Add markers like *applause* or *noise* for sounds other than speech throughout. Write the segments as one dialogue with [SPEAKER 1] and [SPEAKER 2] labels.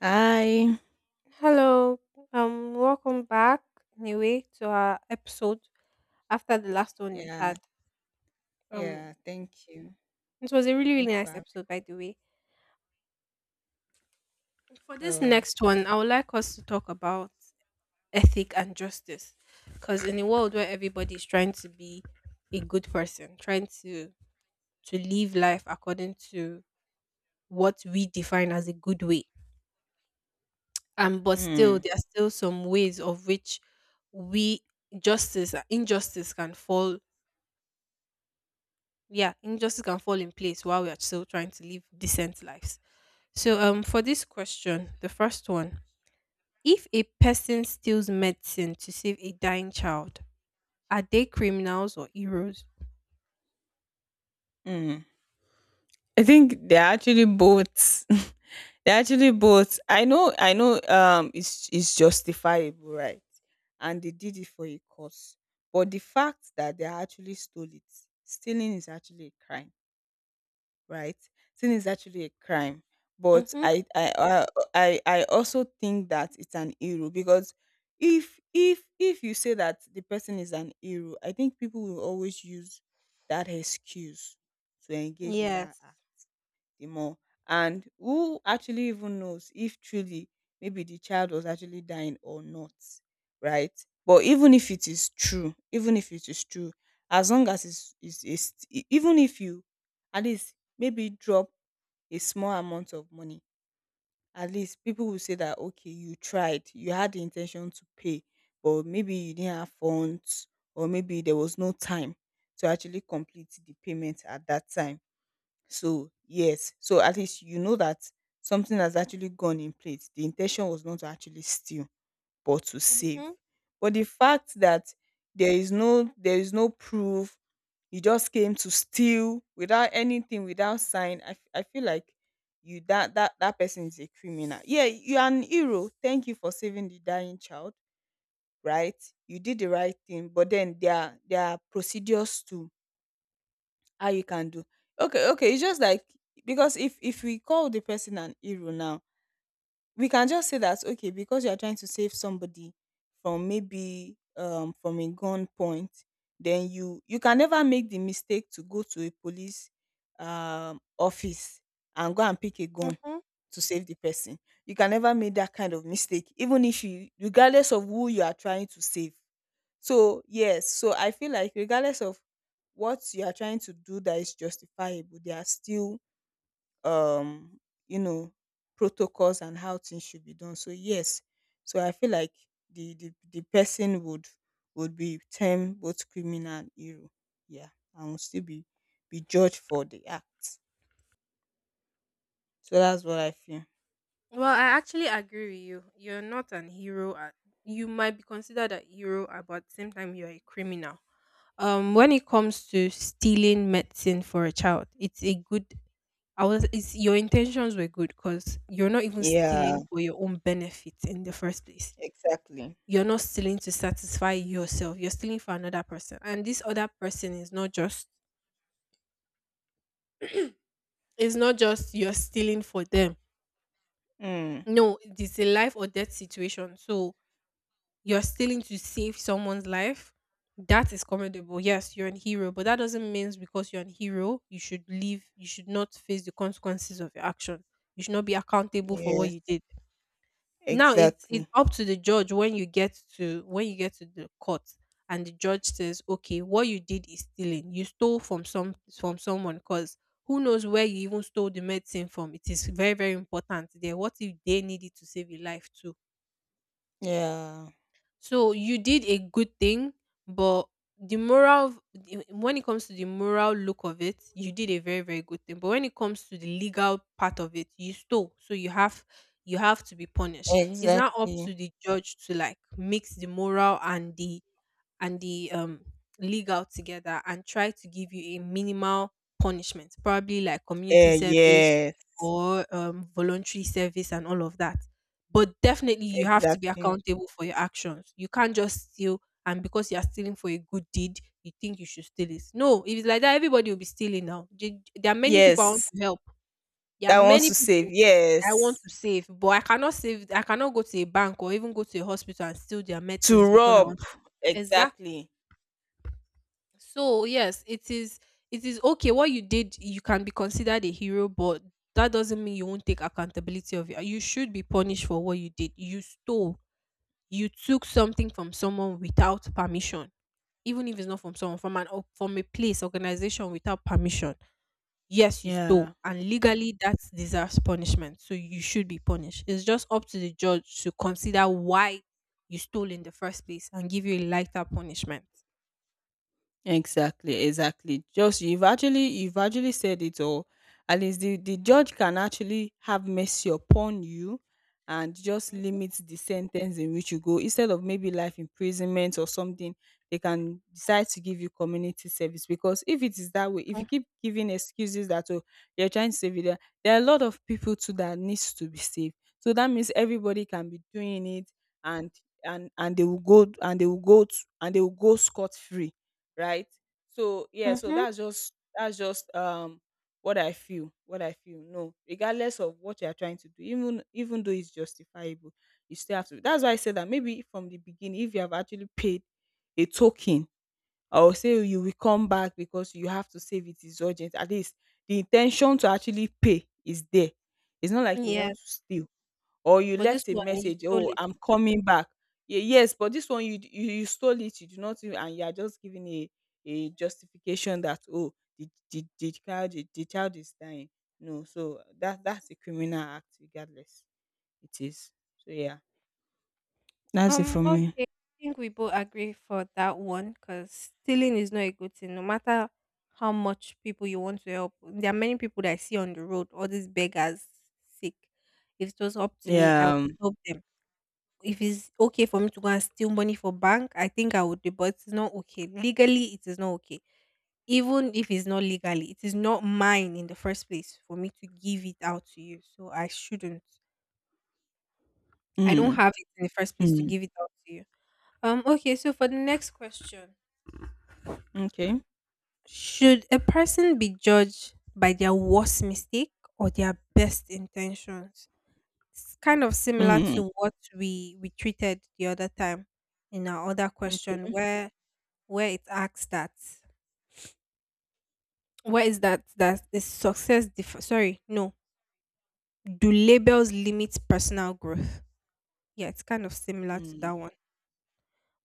[SPEAKER 1] Hi.
[SPEAKER 2] Hello, welcome back anyway to our episode after the last one we
[SPEAKER 1] Yeah,
[SPEAKER 2] had. Um,
[SPEAKER 1] yeah. Thank you.
[SPEAKER 2] it was a really,
[SPEAKER 1] Thank
[SPEAKER 2] really
[SPEAKER 1] you for
[SPEAKER 2] nice
[SPEAKER 1] having.
[SPEAKER 2] episode, by the way. For this
[SPEAKER 1] Oh,
[SPEAKER 2] next one, I would like us to talk about ethic and justice because in a world where everybody is trying to be a good person, trying to live life according to what we define as a good way, but still
[SPEAKER 1] mm,
[SPEAKER 2] there are still some ways of which we justice injustice can fall, yeah, injustice can fall in place while we are still trying to live decent lives. So, for this question, the first one, if a person steals medicine to save a dying child, are they criminals or heroes?
[SPEAKER 1] mm. I think they're actually both. *laughs* They're actually both. I know. I know. It's justifiable, right? And they did it for a cause. But the fact that they actually stole it, stealing is actually a crime. Right? Sin is actually a crime, but
[SPEAKER 2] Mm-hmm.
[SPEAKER 1] I also think that it's an hero because if you say that the person is an hero, I think people will always use that excuse to engage in that
[SPEAKER 2] Yes.
[SPEAKER 1] act the more. And who actually even knows if truly maybe the child was actually dying or not, right? But even if it is true, even if it is true, as long as even if you at least maybe drop a small amount of money, at least people will say that okay, you tried, you had the intention to pay, but maybe you didn't have funds, or maybe there was no time to actually complete the payment at that time. So yes, so at least you know that something has actually gone in place. The intention was not to actually steal, but to save.
[SPEAKER 2] Mm-hmm.
[SPEAKER 1] But the fact that there is no proof, you just came to steal without anything, without sign. I feel like you that person is a criminal. Yeah, you are an hero. Thank you for saving the dying child. Right, you did the right thing, but then there are procedures too how you can do. Okay, okay, it's just like, because if we call the person an hero now, we can just say that okay, because you are trying to save somebody from maybe from a gun point, then you can never make the mistake to go to a police office and go and pick a gun
[SPEAKER 2] Mm-hmm.
[SPEAKER 1] to save the person. You can never make that kind of mistake, even if you, regardless of who you are trying to save. So yes, so I feel like regardless of what you are trying to do that is justifiable, there are still um you know protocols and how things should be done. So yes, so I feel like the person would be termed both criminal and hero. Yeah, and will still be judged for the act. So that's what I feel.
[SPEAKER 2] Well, I actually agree with you. You're not an hero. You might be considered a hero, but at the same time, you're a criminal. When it comes to stealing medicine for a child, it's a good. I was. It's your intentions were good because you're not even
[SPEAKER 1] Yeah,
[SPEAKER 2] stealing for your own benefit in the first place.
[SPEAKER 1] exactly.
[SPEAKER 2] You're not stealing to satisfy yourself. You're stealing for another person, and this other person is not just. It's not just you're stealing for them.
[SPEAKER 1] Mm.
[SPEAKER 2] No, it's a life or death situation. So you're stealing to save someone's life, that is commendable. Yes, you're an hero, but that doesn't mean because you're an hero, you should leave, you should not face the consequences of your action. You should not be accountable for what you
[SPEAKER 1] Yes,
[SPEAKER 2] did. Now it's
[SPEAKER 1] exactly.
[SPEAKER 2] up to the judge when you get to when you get to the court and the judge says, okay, what you did is stealing. You stole from some from someone because who knows where you even stole the medicine from? It is very, very important there. What if they need it to save your life too?
[SPEAKER 1] Yeah,
[SPEAKER 2] So you did a good thing, but the moral when it comes to the moral look of it, you did a very very good thing. But when it comes to the legal part of it, you stole, so you have to be punished. It's not up
[SPEAKER 1] exactly.
[SPEAKER 2] to the judge to like mix the moral and the league out together and try to give you a minimal punishment, probably like community
[SPEAKER 1] Eh,
[SPEAKER 2] service
[SPEAKER 1] yeah.
[SPEAKER 2] or voluntary service and all of that. But definitely, you have to be
[SPEAKER 1] Exactly.
[SPEAKER 2] accountable for your actions. You can't just steal, and because you are stealing for a good deed, you think you should steal it. No, if it's like that, everybody will be stealing now. There are many people I want
[SPEAKER 1] Yes.
[SPEAKER 2] to help. There are
[SPEAKER 1] That wants
[SPEAKER 2] many
[SPEAKER 1] to save.
[SPEAKER 2] people I want
[SPEAKER 1] Yes.
[SPEAKER 2] to save, but I cannot save. I cannot go to a bank or even go to a hospital and steal their
[SPEAKER 1] To
[SPEAKER 2] medicines because I
[SPEAKER 1] rob.
[SPEAKER 2] want. Exactly.
[SPEAKER 1] Exactly.
[SPEAKER 2] So yes, it is okay. What you did, you can be considered a hero, but that doesn't mean you won't take accountability of it. You should be punished for what you did. You stole. You took something from someone without permission. Even if it's not from someone, from an or from a place, organization without permission. Yes, you stole.
[SPEAKER 1] Yeah.
[SPEAKER 2] And legally that deserves punishment. So you should be punished. It's just up to the judge to consider why you stole in the first place and give you a lighter punishment.
[SPEAKER 1] Exactly, exactly. Just you've actually said it all. At least the judge can actually have mercy upon you and just limit the sentence in which you go. Instead of maybe life imprisonment or something, they can decide to give you community service. Because if it is that way, if you keep giving excuses that oh, you're trying to save it, there are a lot of people too that needs to be saved. So that means everybody can be doing it, and and they will go to, and they will go scot free, right? So yeah, so that's just what I feel. What I feel. No, regardless of what you are trying to do, even though it's justifiable, you still have to. That's why I said that maybe from the beginning, if you have actually paid a token, or say you will come back because you have to save, it is urgent. At least the intention to actually pay is there. It's not like you want
[SPEAKER 2] Yes.
[SPEAKER 1] to steal, or you
[SPEAKER 2] But this
[SPEAKER 1] left a
[SPEAKER 2] one you
[SPEAKER 1] message,
[SPEAKER 2] stole
[SPEAKER 1] "Oh,
[SPEAKER 2] it.
[SPEAKER 1] I'm coming back." Yes, but this one you stole it, you do not even, and you are just giving a justification that oh, the child is dying. No, so that that's a criminal act regardless. It is. So yeah. That's it for me.
[SPEAKER 2] Okay. I think we both agree for that one because stealing is not a good thing, no matter how much people you want to help. There are many people that I see on the road, all these beggars sick. If it was up to me, I
[SPEAKER 1] Yeah.
[SPEAKER 2] would help them. If it's okay for me to go and steal money for bank, I think I would do, but it's not okay. Legally, it is not okay. Even if it's not legally, it is not mine in the first place for me to give it out to you. So I shouldn't. I don't
[SPEAKER 1] Mm,
[SPEAKER 2] have it in the first place to
[SPEAKER 1] mm,
[SPEAKER 2] give it out to you. Okay, so for the next question,
[SPEAKER 1] okay.
[SPEAKER 2] should a person be judged by their worst mistake or their best intentions? It's kind of similar
[SPEAKER 1] Mm,
[SPEAKER 2] to what we treated the other time in our other question,
[SPEAKER 1] okay.
[SPEAKER 2] where it asks that where is that that is success diff- sorry no do labels limit personal growth? Yeah, it's kind of similar to
[SPEAKER 1] Mm,
[SPEAKER 2] that one.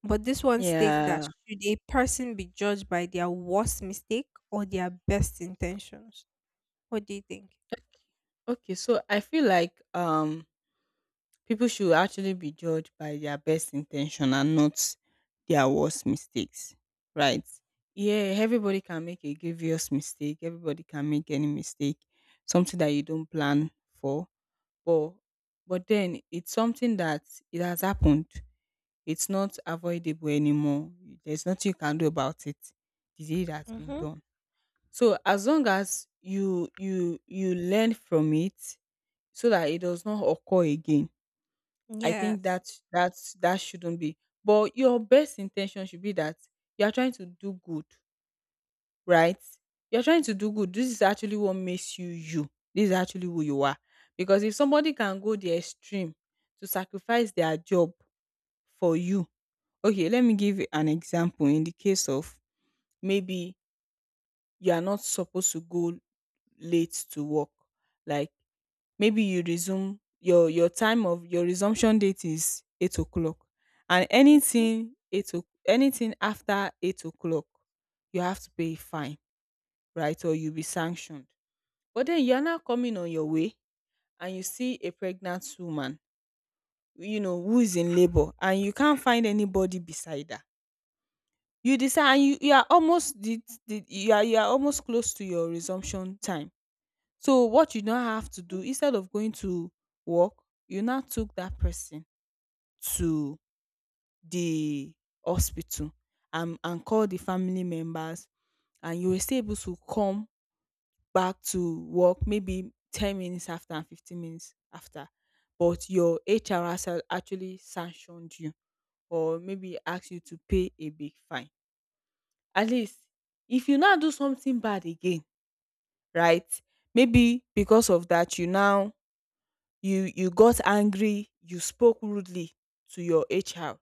[SPEAKER 2] But this one states that
[SPEAKER 1] yeah.
[SPEAKER 2] should a person be judged by their worst mistake or their best intentions? What do you think?
[SPEAKER 1] Okay. So I feel like people should actually be judged by their best intention and not their worst mistakes, right? Yeah, everybody can make a grievous mistake. Everybody can make any mistake, something that you don't plan for. But but then it's something that it has happened. It's not avoidable anymore. There's nothing you can do about it. The deed has been
[SPEAKER 2] Mhm.
[SPEAKER 1] done. So as long as you learn from it, so that it does not occur again, I think
[SPEAKER 2] Yes.
[SPEAKER 1] that shouldn't be. But your best intention should be that you are trying to do good, right? You're trying to do good. This is actually what makes you you. This is actually who you are. Because if somebody can go the extreme to sacrifice their job for you, okay, let me give you an example. In the case of maybe you are not supposed to go late to work, like maybe you resume your time of your resumption date is 8 o'clock, and
[SPEAKER 2] Mhm.
[SPEAKER 1] anything after 8 o'clock you have to pay a fine, right, or you'll be sanctioned. But then you're now coming on your way, and you see a pregnant woman, you know, who is in labor, and you can't find anybody beside her. You decide and you are almost the you are almost close to your resumption time, so what you now have to do, instead of going to work, you now took that person to the hospital and call the family members, and you will still able to come back to work maybe 10 minutes after and 15 minutes after, but your hr has actually sanctioned you, or maybe asked you to pay a big fine. At least if you now do something bad again, right, maybe because of that you now, you got angry, you spoke rudely to your hr,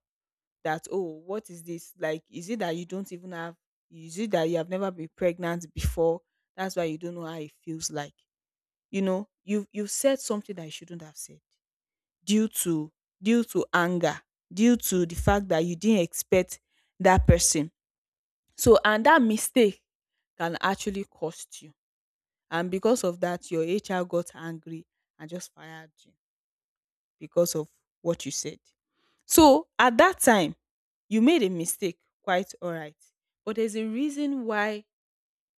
[SPEAKER 1] that oh, what is this, like, is it that you don't even have, is it that you have never been pregnant before, that's why you don't know how it feels like. You know, you've said something that you shouldn't have said due to anger, due to the fact that you didn't expect that person. So and that mistake can actually cost you, and because of that your hr got angry and just fired you because of what you said. So at that time, you made a mistake, quite alright, but there's a reason why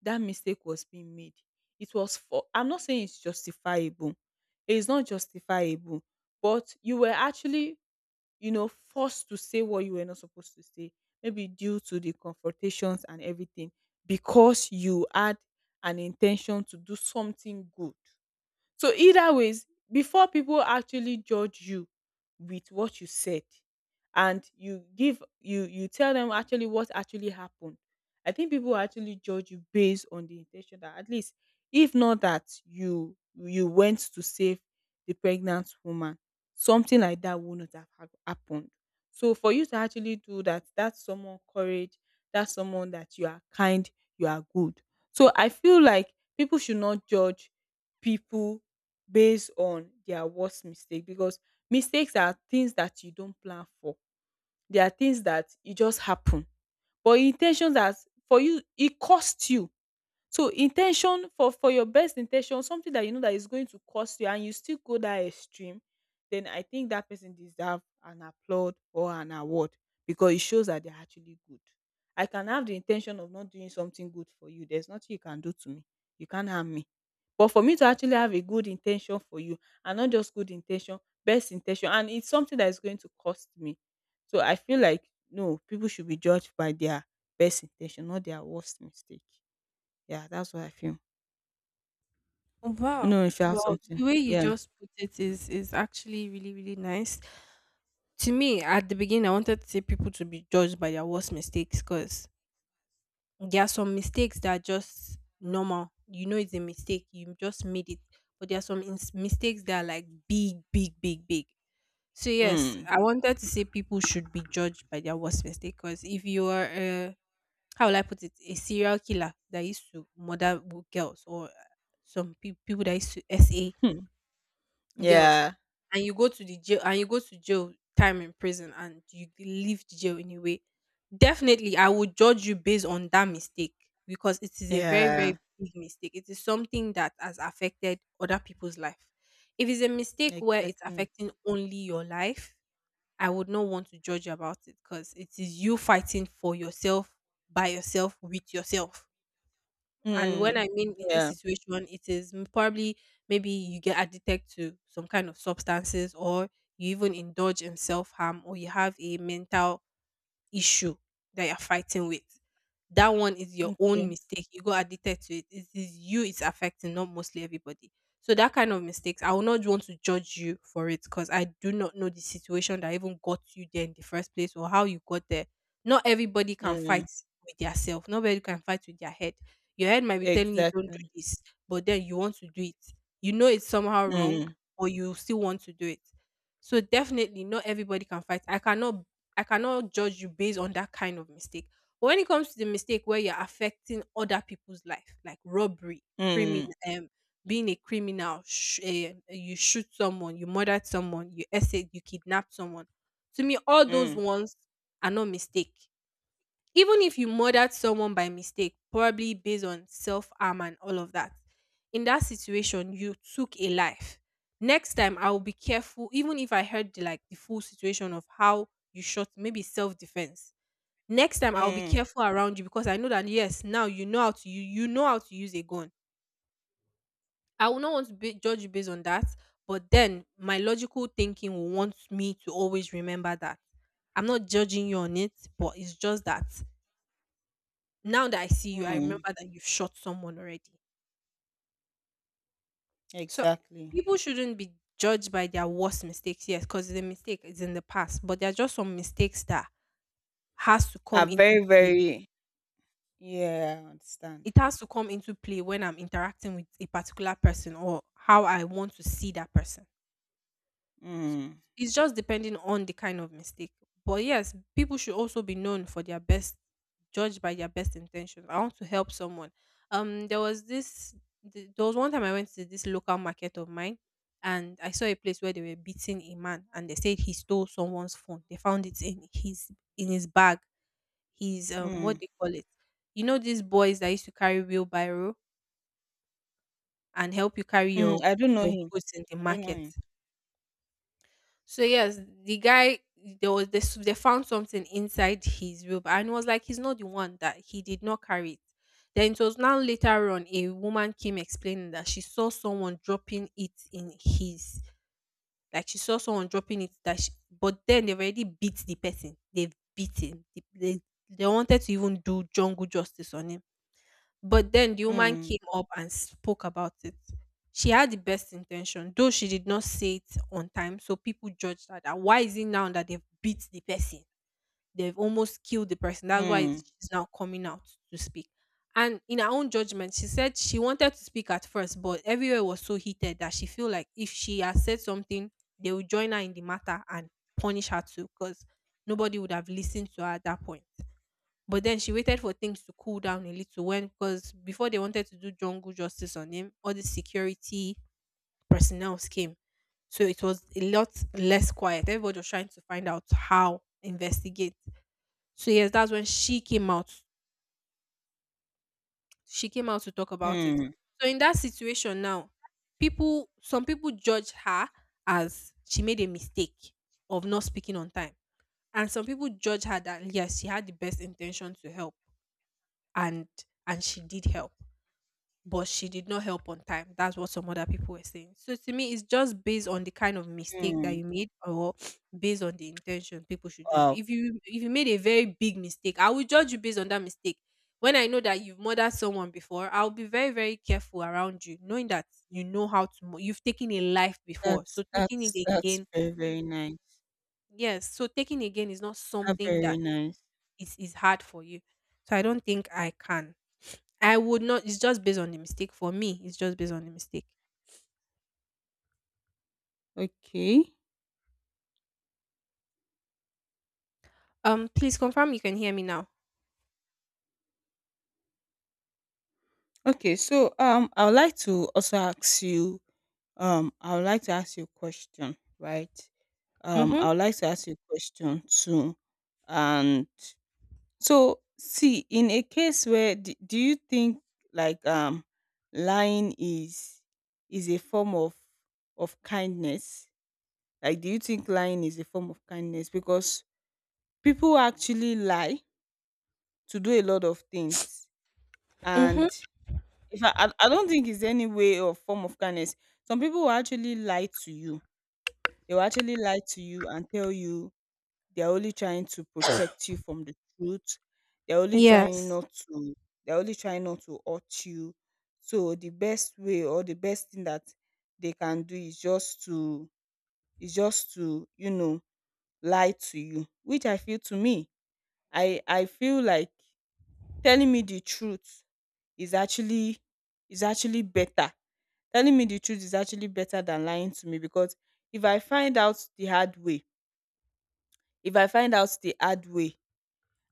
[SPEAKER 1] that mistake was being made. It was for, I'm not saying it's justifiable. It's not justifiable, but you were actually, you know, forced to say what you were not supposed to say, maybe due to the confrontations and everything, because you had an intention to do something good. So either ways, before people actually judge you with what you said, and you give you you tell them actually what actually happened, I think people will actually judge you based on the intention that at least if not that you went to save the pregnant woman, something like that would not have happened. So for you to actually do that, that's someone courage, that's someone that you are kind, you are good. So I feel like people should not judge people based on their worst mistake, because mistakes are things that you don't plan for. They are things that it just happen. But intentions that for you it costs you. So intention for your best intention, something that you know that is going to cost you, and you still go that extreme, then I think that person deserve an applaud or an award because it shows that they're actually good. I can have the intention of not doing something good for you. There's nothing you can do to me. You can't harm me, but for me to actually have a good intention for you, and not just good intention, best intention, and it's something that is going to cost me. So I feel like no, people should be judged by their best intention, not their worst mistake. Yeah, that's what I feel. I don't
[SPEAKER 2] Wow.
[SPEAKER 1] know if you have
[SPEAKER 2] Well,
[SPEAKER 1] something.
[SPEAKER 2] the way you
[SPEAKER 1] Yeah.
[SPEAKER 2] just put it is actually really really nice. To me, at the beginning, I wanted to say people to be judged by their worst mistakes, because there are some mistakes that are just normal. You know it's a mistake. You just made it. But there are some mistakes that are like big, big, big, big. So yes,
[SPEAKER 1] Mm.
[SPEAKER 2] I wanted to say people should be judged by their worst mistake. Because if you are, how will I put it, a serial killer that used to murder girls or people that used to SA girls
[SPEAKER 1] Yeah.
[SPEAKER 2] and you go to the jail and you go to jail time in prison and you leave the jail anyway, definitely I would judge you based on that mistake because it is a very very
[SPEAKER 1] Yeah.
[SPEAKER 2] big mistake. It is something that has affected other people's life. If it's a mistake where it's
[SPEAKER 1] Exactly.
[SPEAKER 2] affecting only your life, I would not want to judge you about it because it is you fighting for yourself by yourself with yourself. And when
[SPEAKER 1] Mm.
[SPEAKER 2] I mean in this
[SPEAKER 1] Yeah.
[SPEAKER 2] situation, it is probably maybe you get addicted to some kind of substances or you even indulge in self harm or you have a mental issue that you're fighting with. That one is your
[SPEAKER 1] Okay.
[SPEAKER 2] own mistake. You got addicted to it. It is you it's affecting, not mostly everybody. So that kind of mistakes, I will not want to judge you for it because I do not know the situation that even got you there in the first place or how you got there. Not everybody can
[SPEAKER 1] Mm.
[SPEAKER 2] fight with their self. Nobody can fight with their head. Your head might be telling you don't do
[SPEAKER 1] Exactly.
[SPEAKER 2] this, but then you want to do it. You know it's somehow wrong,
[SPEAKER 1] Mm.
[SPEAKER 2] but you still want to do it. So definitely not everybody can fight. I cannot judge you based on that kind of mistake. But when it comes to the mistake where you're affecting other people's life, like robbery, criminal,
[SPEAKER 1] Mm.
[SPEAKER 2] um, being a criminal, you shoot someone, you murdered someone, you essayed, you kidnapped someone. To me, all those
[SPEAKER 1] Mm.
[SPEAKER 2] ones are not mistake. Even if you murdered someone by mistake, probably based on self harm and all of that, in that situation, you took a life. Next time, I will be careful, even if I heard the, like the full situation of how you shot, maybe self defense. Next time, I will be
[SPEAKER 1] Mm.
[SPEAKER 2] careful around you because I know that yes, now you know how to you you know how to use a gun. I will not want to be, judge you based on that, but then my logical thinking will want me to always remember that. I'm not judging you on it, but it's just that now that I see you, I remember
[SPEAKER 1] Mm.
[SPEAKER 2] that you've shot someone already. So
[SPEAKER 1] Exactly.
[SPEAKER 2] people shouldn't be judged by their worst mistakes, yes, because the mistake is in the past, but there are just some mistakes that has to
[SPEAKER 1] Are
[SPEAKER 2] come into
[SPEAKER 1] very,
[SPEAKER 2] play.
[SPEAKER 1] very. Yeah, I understand.
[SPEAKER 2] It has to come into play when I'm interacting with a particular person or how I want to see that person. S-
[SPEAKER 1] Mm,
[SPEAKER 2] It's it's just depending on the kind of mistake. But yes, people should also be known for their best, judged by their best intentions. I want to help someone. There was this, there was one time I went to this local market of mine, and I saw a place where they were beating a man, and they said he stole someone's phone. They found it in his bag. His
[SPEAKER 1] mm,
[SPEAKER 2] what do you call it? You know these boys that used to carry wheelbarrow and help you carry
[SPEAKER 1] mm. I don't know
[SPEAKER 2] your
[SPEAKER 1] him.
[SPEAKER 2] goods in the
[SPEAKER 1] I don't know
[SPEAKER 2] market.
[SPEAKER 1] him.
[SPEAKER 2] So yes, the guy there was this they found something inside his robe and it was like he's not the one that he did not carry it. Then it was now later on a woman came explaining that she saw someone dropping it in his like she saw someone dropping it that she, but then they've already beat the person. They've beaten. They wanted to even do jungle justice on him, but then the woman
[SPEAKER 1] Mm,
[SPEAKER 2] came up and spoke about it. She had the best intention, though she did not say it on time. So people judged her that why is it now that they've beat the person? They've almost killed the person. That's why
[SPEAKER 1] mm,
[SPEAKER 2] she's now coming out to speak. And in her own judgment, she said she wanted to speak at first, but everywhere was so heated that she feel like if she has said something, they will join her in the matter and punish her too, because nobody would have listened to her at that point. But then she waited for things to cool down a little when, because before they wanted to do jungle justice on him, all the security personnel came. So it was a lot less quiet. Everybody was trying to find out how investigate. So yes, that's when she came out. She came out to talk about it.
[SPEAKER 1] mm,
[SPEAKER 2] So in that situation now, people some people judge her as she made a mistake of not speaking on time. And some people judge her that yes, she had the best intention to help and she did help. But she did not help on time. That's what some other people were saying. So to me, it's just based on the kind of mistake that
[SPEAKER 1] mm.
[SPEAKER 2] you made, or based on the intention people should judge
[SPEAKER 1] Wow,
[SPEAKER 2] you. If you made a very big mistake, I will judge you based on that mistake. When I know that you've murdered someone before, I'll be very, very careful around you, knowing that you know how to. You've taken a life before, so taking it
[SPEAKER 1] that's
[SPEAKER 2] again,
[SPEAKER 1] very very nice.
[SPEAKER 2] yes. So taking again is not
[SPEAKER 1] That's
[SPEAKER 2] something
[SPEAKER 1] very
[SPEAKER 2] that
[SPEAKER 1] nice.
[SPEAKER 2] is hard for you. So I don't think I can. I would not. It's just based on the mistake for me. It's just based on the mistake.
[SPEAKER 1] Okay,
[SPEAKER 2] Please confirm you can hear me now.
[SPEAKER 1] okay. So I would like to also ask you, I would like to ask you a question, right?
[SPEAKER 2] Mm-hmm.
[SPEAKER 1] I would like to ask you a question too, and. So, see, in a case where do you think like lying is a form of kindness? Like, do you think lying is a form of kindness? Because people actually lie to do a lot of things,
[SPEAKER 2] Mm-hmm.
[SPEAKER 1] and if I, I don't think it's any way or form of kindness. Some people will actually lie to you. They will actually lie to you and tell you they're only trying to protect you from the truth. They're only trying
[SPEAKER 2] Yes.
[SPEAKER 1] not to— they're only trying not to hurt you. So the best way or the best thing that they can do is just to— is just to, lie to you. Which, I feel, to me, I feel like telling me the truth is actually— is actually better. Telling me the truth is actually better than lying to me, because if I find out the hard way, if I find out the hard way,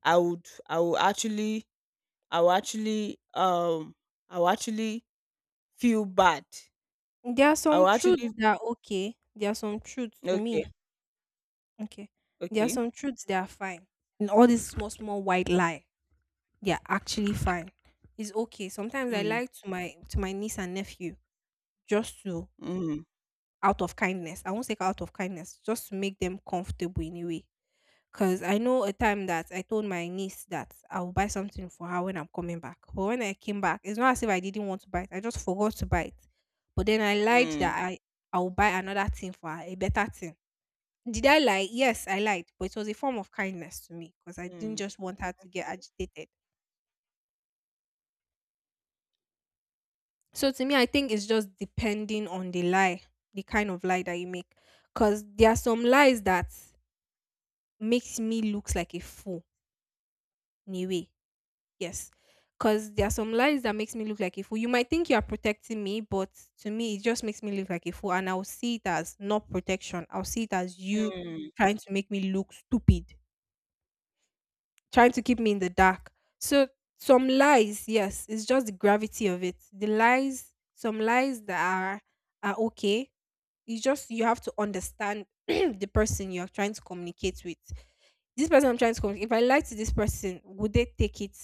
[SPEAKER 1] I would actually I will actually I will actually feel bad.
[SPEAKER 2] There are
[SPEAKER 1] I will
[SPEAKER 2] some truths
[SPEAKER 1] actually—
[SPEAKER 2] that are okay. There are some truths to
[SPEAKER 1] okay,
[SPEAKER 2] me. Okay. There are
[SPEAKER 1] okay.
[SPEAKER 2] some truths that are fine. And all this small, small white lie, they are actually fine. It's okay. Sometimes I
[SPEAKER 1] Mm,
[SPEAKER 2] lie to my niece and nephew just to
[SPEAKER 1] mm,
[SPEAKER 2] out of kindness. I won't say out of kindness, just to make them comfortable in a way. Cause I know a time that I told my niece that I will buy something for her when I'm coming back. But when I came back, it's not as if I didn't want to buy it. I just forgot to buy it. But then I lied that
[SPEAKER 1] mm,
[SPEAKER 2] I will buy another thing for her, a better thing. Did I lie? Yes, I lied. But it was a form of kindness to me because I didn't
[SPEAKER 1] mm,
[SPEAKER 2] just want her to get agitated. So to me, I think it's just depending on the lie, the kind of lie that you make. Cause there are some lies that makes me look like a fool in a way. Yes. Because there are some lies that makes me look like a fool. You might think you are protecting me, but to me, it just makes me look like a fool. And I'll see it as not protection. I'll see it as you
[SPEAKER 1] mm,
[SPEAKER 2] trying to make me look stupid, trying to keep me in the dark. So some lies, yes, it's just the gravity of it. The lies, some lies that are okay. It's just you have to understand *clears throat* the person you're trying to communicate with. This person I'm trying to communicate, if I lie to this person, would they take it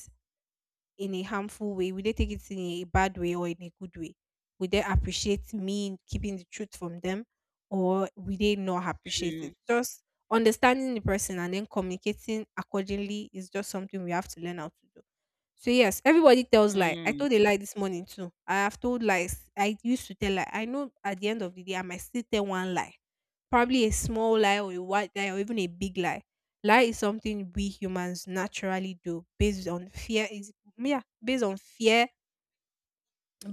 [SPEAKER 2] in a harmful way? Will they take it in a bad way or in a good way? Will they appreciate me keeping the truth from them, or will they not appreciate
[SPEAKER 1] mm,
[SPEAKER 2] it? Just understanding the person and then communicating accordingly is just something we have to learn how to do. So yes, everybody tells lie. I
[SPEAKER 1] mm,
[SPEAKER 2] told a lie this morning too. I have told lies. I used to tell lie. I know at the end of the day I might still tell one lie. Probably a small lie or a white lie or even a big lie. Lie is something we humans naturally do based on fear. Is yeah, based on fear,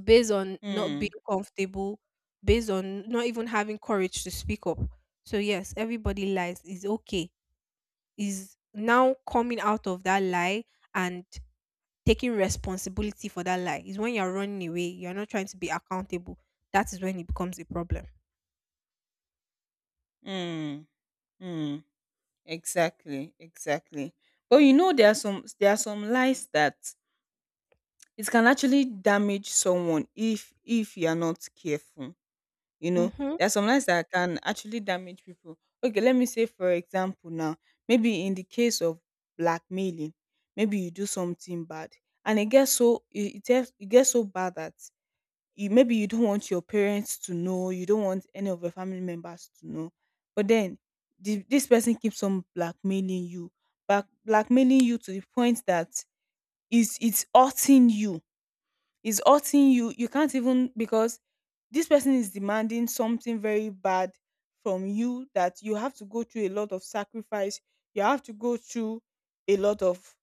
[SPEAKER 2] based on not being
[SPEAKER 1] mm,
[SPEAKER 2] comfortable, based on not even having courage to speak up. So yes, everybody lies is okay. Is now coming out of that lie and taking responsibility for that lie. Is when you're running away, you're not trying to be accountable. That is when it becomes a problem.
[SPEAKER 1] mm, mm. Exactly, exactly. But you know, there are some lies that it can actually damage someone if you are not careful. You know,
[SPEAKER 2] Mm-hmm.
[SPEAKER 1] there are some lines that can actually damage people. Okay, let me say, for example, now, maybe in the case of blackmailing, maybe you do something bad and it gets so— it gets so bad that you maybe you don't want your parents to know, you don't want any of your family members to know. But then this person keeps on blackmailing you, blackmailing you to the point that it's hurting you, is hurting you, you can't even— because this person is demanding something very bad from you that you have to go through a lot of sacrifice, you have to go through a lot of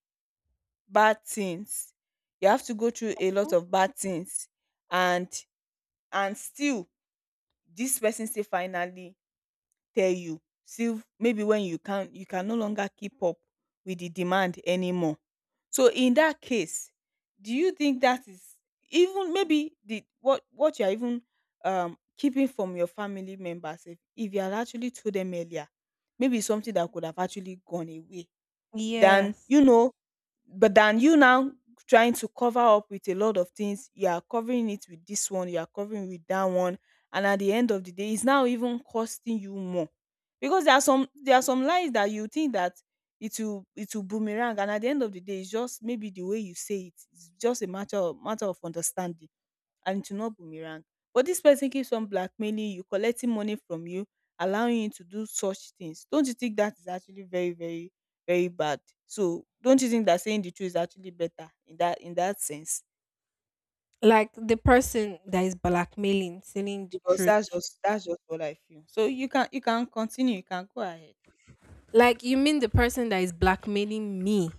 [SPEAKER 1] bad things, you have to go through a lot of bad things and— and still this person still finally tell you, see, maybe when you— can you can no longer keep up with the demand anymore. So in that case, do you think that is— even maybe the— what you're even keeping from your family members, if you had actually told them earlier, maybe it's something that could have actually gone away than,
[SPEAKER 2] Yes.
[SPEAKER 1] you know, but than you now trying to cover up with a lot of things— you are covering it with this one, you are covering with that one, and at the end of the day, it's now even costing you more. Because there are some lies that you think that it will— it will boomerang, and at the end of the day, it's just maybe the way you say it, it's just a matter of— matter of understanding, and it will not boomerang. But this person keeps on blackmailing you, collecting money from you, allowing you to do such things. Don't you think that is actually very, very, very bad? So don't you think that saying the truth is actually better in that— in that sense?
[SPEAKER 2] Like the person that is blackmailing, telling the
[SPEAKER 1] Because that's
[SPEAKER 2] truth.
[SPEAKER 1] just— that's just what I feel. So you can— you can continue, you can go ahead.
[SPEAKER 2] Like you mean the person that is blackmailing me,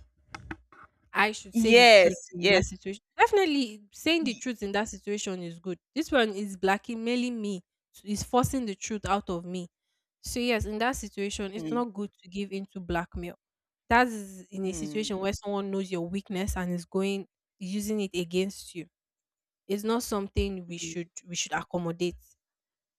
[SPEAKER 2] I should say the truth
[SPEAKER 1] Yes,
[SPEAKER 2] in that
[SPEAKER 1] yes.
[SPEAKER 2] situation. Definitely, saying the
[SPEAKER 1] y-
[SPEAKER 2] truth in that situation is good. This one is blackmailing me, so is forcing the truth out of me. So, yes, in that situation, it's
[SPEAKER 1] Mm,
[SPEAKER 2] not good to give into blackmail. That is in a
[SPEAKER 1] mm,
[SPEAKER 2] situation where someone knows your weakness and is going using it against you. It's not something we
[SPEAKER 1] mm,
[SPEAKER 2] should accommodate,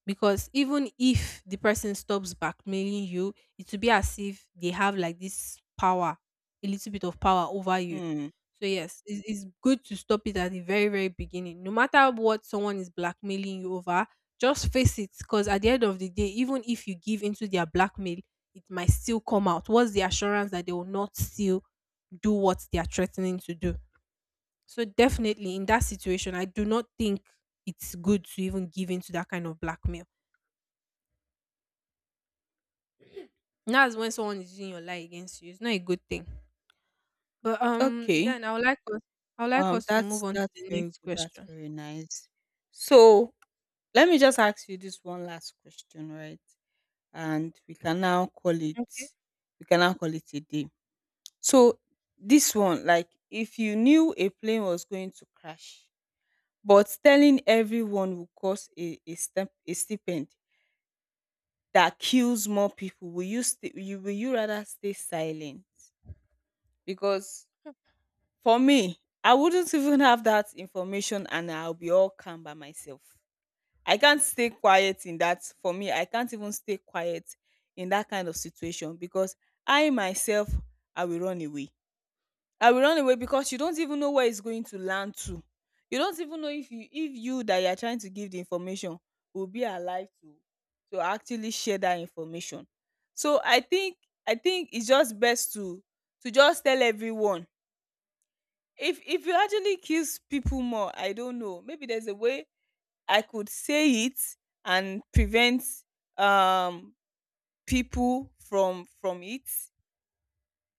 [SPEAKER 2] because even if the person stops blackmailing you, it will be as if they have like this power, a little bit of power over you.
[SPEAKER 1] mm.
[SPEAKER 2] So yes, it's good to stop it at the very very beginning. No matter what someone is blackmailing you over, just face it. Because at the end of the day, even if you give into their blackmail, it might still come out. What's the assurance that they will not still do what they are threatening to do? So definitely in that situation, I do not think it's good to even give in to that kind of blackmail. And that's when someone is using your lie against you. It's not a good thing. But
[SPEAKER 1] Okay.
[SPEAKER 2] then I would like us I would like us to move
[SPEAKER 1] That's
[SPEAKER 2] on to
[SPEAKER 1] that's
[SPEAKER 2] the
[SPEAKER 1] very
[SPEAKER 2] next
[SPEAKER 1] good. That's
[SPEAKER 2] question.
[SPEAKER 1] very nice. So let me just ask you this one last question, right? And we can now call it— we can now call it a day. So this one, like, if you knew a plane was going to crash, but telling everyone will cause a— a step a stipend that kills more people, will you you— will you rather stay silent? Because for me, I wouldn't even have that information and I'll be all calm by myself. I can't stay quiet in that— for me, I can't even stay quiet in that kind of situation because I myself— I will run away. I will run away because you don't even know where it's going to land to. You don't even know if you— that you are trying to give the information will be alive to— to actually share that information. So I think— I think it's just best to— to just tell everyone. If— if you actually kiss people more, I don't know. Maybe there's a way I could say it and prevent um people from— from it,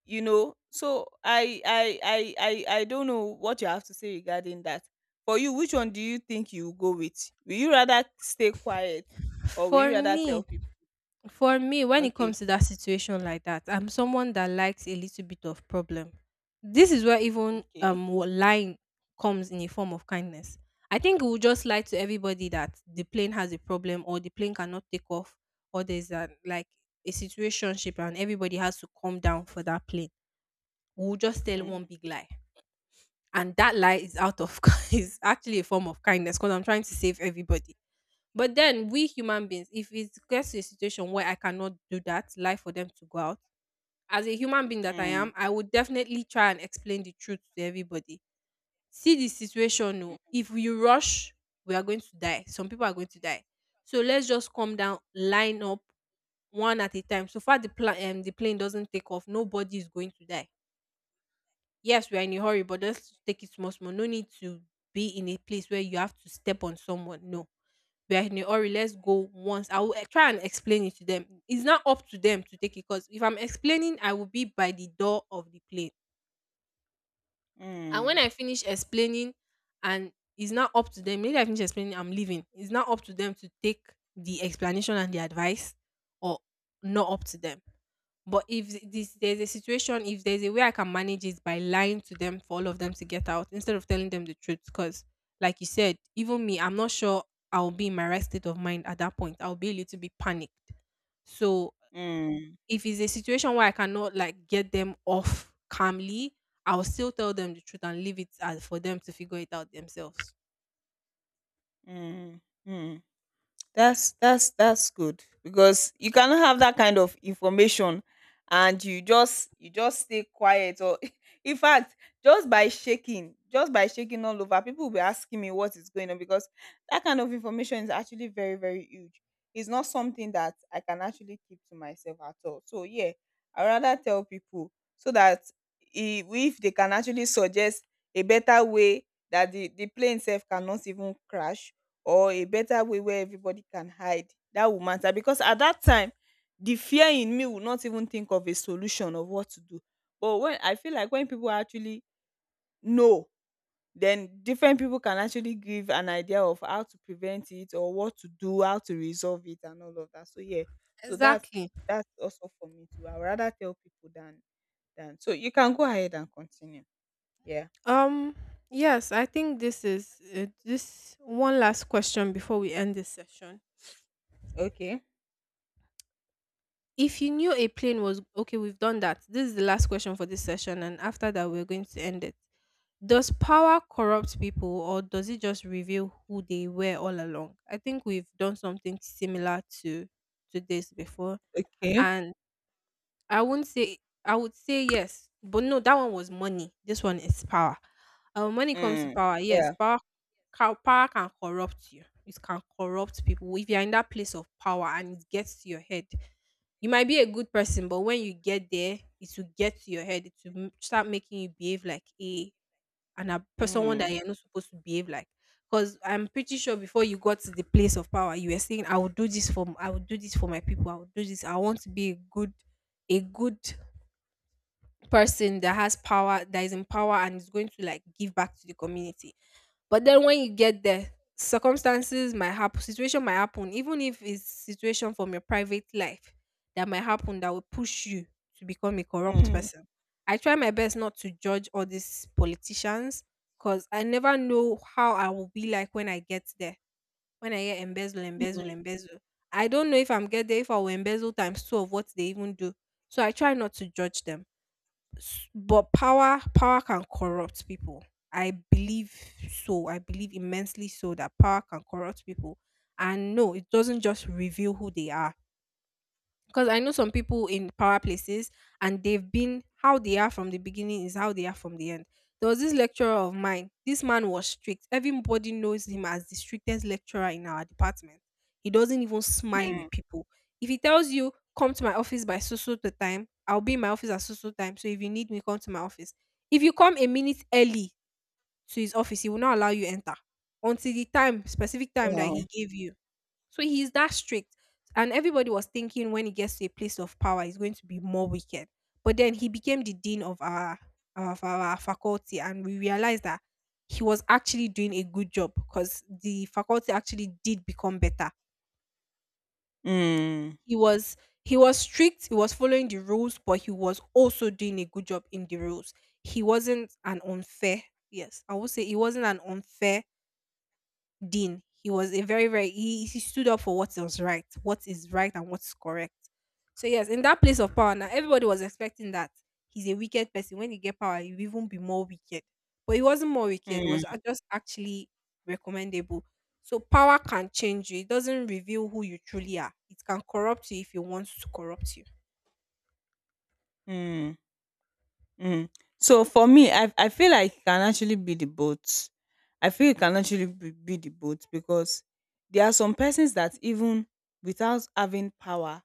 [SPEAKER 1] you know. So I don't know what you have to say regarding that. For you, which one do you think you will go with? Will you rather stay quiet or will you
[SPEAKER 2] For
[SPEAKER 1] rather tell
[SPEAKER 2] me,
[SPEAKER 1] people?
[SPEAKER 2] for me, when it
[SPEAKER 1] Okay.
[SPEAKER 2] comes to that situation like that, I'm someone that likes a little bit of problem. This is where even
[SPEAKER 1] Okay.
[SPEAKER 2] lying comes in a form of kindness. I think we'll just lie to everybody that the plane has a problem or the plane cannot take off, or there's a like a situationship and everybody has to come down for that plane. We'll just tell one
[SPEAKER 1] Mm,
[SPEAKER 2] big lie, and that lie is out of *laughs* is actually a form of kindness because I'm trying to save everybody. But then we human beings, if it gets to a situation where I cannot do that lie for them to go out, as a human being that I
[SPEAKER 1] mm,
[SPEAKER 2] am, I would definitely try and explain the truth to everybody. See the situation, no,
[SPEAKER 1] mm,
[SPEAKER 2] if we rush, we are going to die, some people are going to die. So let's just calm down, line up one at a time. So far the the plane doesn't take off, nobody is going to die. Yes, we are in a hurry, but just take it small, small. No need to be in a place where you have to step on someone. No, we are in a hurry. Let's go once. I will try and explain it to them. It's not up to them to take it because if I'm explaining, I will be by the door of the plane. And when
[SPEAKER 1] mm,
[SPEAKER 2] I finish explaining, and it's not up to them, maybe I finish explaining, I'm leaving. It's not up to them to take the explanation and the advice, or not up to them. But if this there's a situation, if there's a way I can manage it by lying to them for all of them to get out instead of telling them the truth, because like you said, even me, I'm not sure I'll be in my right state of mind at that point. I'll be a little bit panicked. So
[SPEAKER 1] mm,
[SPEAKER 2] if it's a situation where I cannot like get them off calmly, I'll still tell them the truth and leave it as for them to figure it out themselves.
[SPEAKER 1] mm, mm. mm. That's that's good, because you cannot have that kind of information and you just— you just stay quiet. Or *laughs* in fact, just by shaking— just by shaking all over, people will be asking me what is going on, because that kind of information is actually very, very huge. It's not something that I can actually keep to myself at all. So yeah, I rather tell people, so that, if they can actually suggest a better way that the plane itself cannot even crash, or a better way where everybody can hide, that will matter. Because at that time, the fear in me will not even think of a solution of what to do. But when— I feel like, when people actually know, then different people can actually give an idea of how to prevent it or what to do, how to resolve it, and all of that. So yeah, so that's—
[SPEAKER 2] Exactly.
[SPEAKER 1] that's also for me too. I would rather tell people than— than— so you can go ahead and continue. Yeah.
[SPEAKER 2] Um yes, I think this is this one last question before we end this session.
[SPEAKER 1] Okay,
[SPEAKER 2] If you knew a plane was okay, we've done that. This is the last question for this session, and after that, we're going to end it. Does power corrupt people, or does it just reveal who they were all along? I think we've done something similar to this before,
[SPEAKER 1] okay.
[SPEAKER 2] and I won't say I would say yes, but no, that one was money. This one is power. When it comes to
[SPEAKER 1] mm.
[SPEAKER 2] power, yes,
[SPEAKER 1] yeah
[SPEAKER 2] power can corrupt you. It can corrupt people. If you're in that place of power and it gets to your head, you might be a good person, but when you get there, it will get to your head. It will start making you behave like a person one that
[SPEAKER 1] mm.
[SPEAKER 2] you're not supposed to behave like. Because I'm pretty sure before you got to the place of power, you were saying, "I will do this for, I will do this for my people. I will do this. I want to be a good person that has power, that is in power and is going to like give back to the community." But then when you get there, circumstances might happen, situation might happen, even if it's situation from your private life that might happen, that will push you to become a corrupt
[SPEAKER 1] Mm.
[SPEAKER 2] person. I try my best not to judge all these politicians, because I never know how I will be like when I get there. When I hear embezzle, embezzle,
[SPEAKER 1] Mm.
[SPEAKER 2] embezzle, I don't know if I'm get there if I will embezzle times two of what they even do. So I try not to judge them. But power can corrupt people, I believe. So I believe immensely so that power can corrupt people. And no, it doesn't just reveal who they are, because I know some people in power places, and they've been how they are from the beginning is how they are from the end. There was this lecturer of mine. This man was strict. Everybody knows him as the strictest lecturer in our department. He doesn't even smile
[SPEAKER 1] Mm.
[SPEAKER 2] with people. If he tells you, come to my office by so so the time, I'll be in my office at so so time. So if you need me, come to my office. If you come a minute early to his office, he will not allow you enter until the time, specific time that
[SPEAKER 1] Wow.
[SPEAKER 2] he gave you. So he's that strict. And everybody was thinking when he gets to a place of power, he's going to be more wicked. But then he became the dean of our faculty, and we realized that he was actually doing a good job because the faculty actually did become better.
[SPEAKER 1] Mm,
[SPEAKER 2] He was he was strict, he was following the rules, but he was also doing a good job in the rules. He wasn't an unfair, yes, I would say he wasn't an unfair dean. He was a very, very he stood up for what was right, what is right and what's correct. So yes, in that place of power now, everybody was expecting that he's a wicked person. When you get power, you even be more wicked. But he wasn't more wicked, it was
[SPEAKER 1] mm,
[SPEAKER 2] just actually recommendable. So power can change you. It doesn't reveal who you truly are. It can corrupt you if it wants to corrupt you.
[SPEAKER 1] mm, mm. So for me, I feel like it can actually be the both. I feel it can actually be— the both, because there are some persons that even without having power,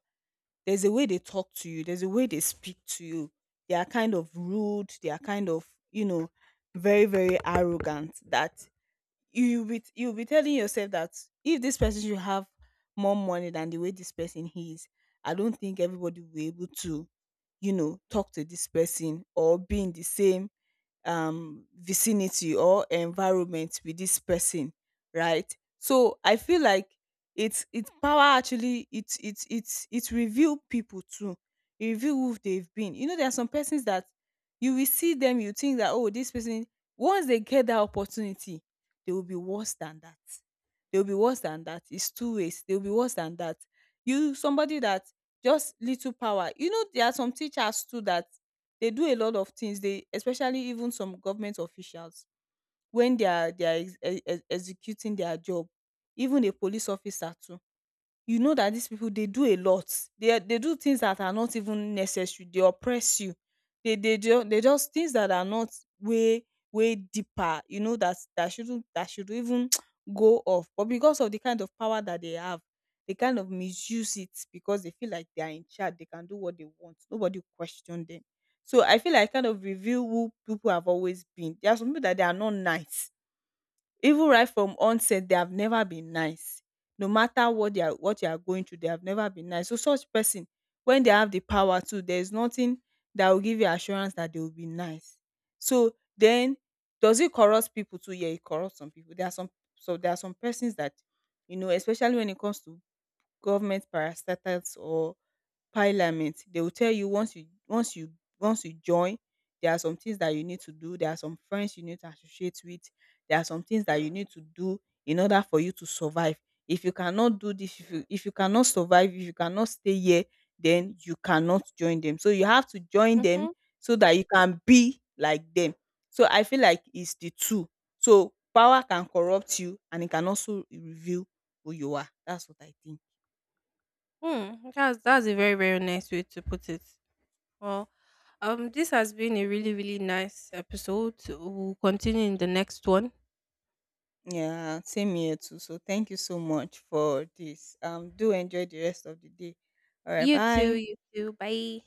[SPEAKER 1] there's a way they talk to you, there's a way they speak to you. They are kind of rude, they are kind of, you know, very, very arrogant, that you will be— you'll be telling yourself that if this person should have more money than the way this person is, I don't think everybody will be able to, you know, talk to this person or be in the same vicinity or environment with this person. Right? So I feel like it's— it's power, actually. It's it's reveal people too. It reveal who they've been, you know. There are some persons that you will see them, you think that, oh, this person, once they get that opportunity, they will be worse than that. It's two ways. They will be worse than that. You— somebody that— just little power. You know, there are some teachers too that they do a lot of things. They— especially even some government officials, when they are— they are executing their job, even a police officer too. You know that these people, they do a lot. They— they do things that are not even necessary. They oppress you. They— they just— things that are not way— way deeper. You know that— that shouldn't— that should even *tsk* go off. But because of the kind of power that they have, they kind of misuse it because they feel like they are in charge. They can do what they want. Nobody question them. So I feel like— kind of reveal who people have always been. There are some people that they are not nice even right from onset. They have never been nice. No matter what they are— what you are going through, they have never been nice. So such person, when they have the power to, there is nothing that will give you assurance that they will be nice. So then, does it corrupt people too? Yeah, it corrupts some people. There are some— so there are some persons that, you know, especially when it comes to government parastatals or parliament, they will tell you, once you— once you join, there are some things that you need to do, there are some friends you need to associate with, there are some things that you need to do in order for you to survive. If you cannot do this, if you— if you cannot survive, if you cannot stay here, then you cannot join them. So you have to join them
[SPEAKER 2] Mm-hmm.
[SPEAKER 1] so that you can be like them. So I feel like it's the two. So power can corrupt you, and it can also reveal who you are. That's what I think.
[SPEAKER 2] Mm, that's a very very nice way to put it. Well, this has been a really, really nice episode. We'll continue in the next one.
[SPEAKER 1] Yeah, same here too. So thank you so much for this. Do enjoy the rest of the day. All right,
[SPEAKER 2] You too,
[SPEAKER 1] bye.
[SPEAKER 2] you too. Bye.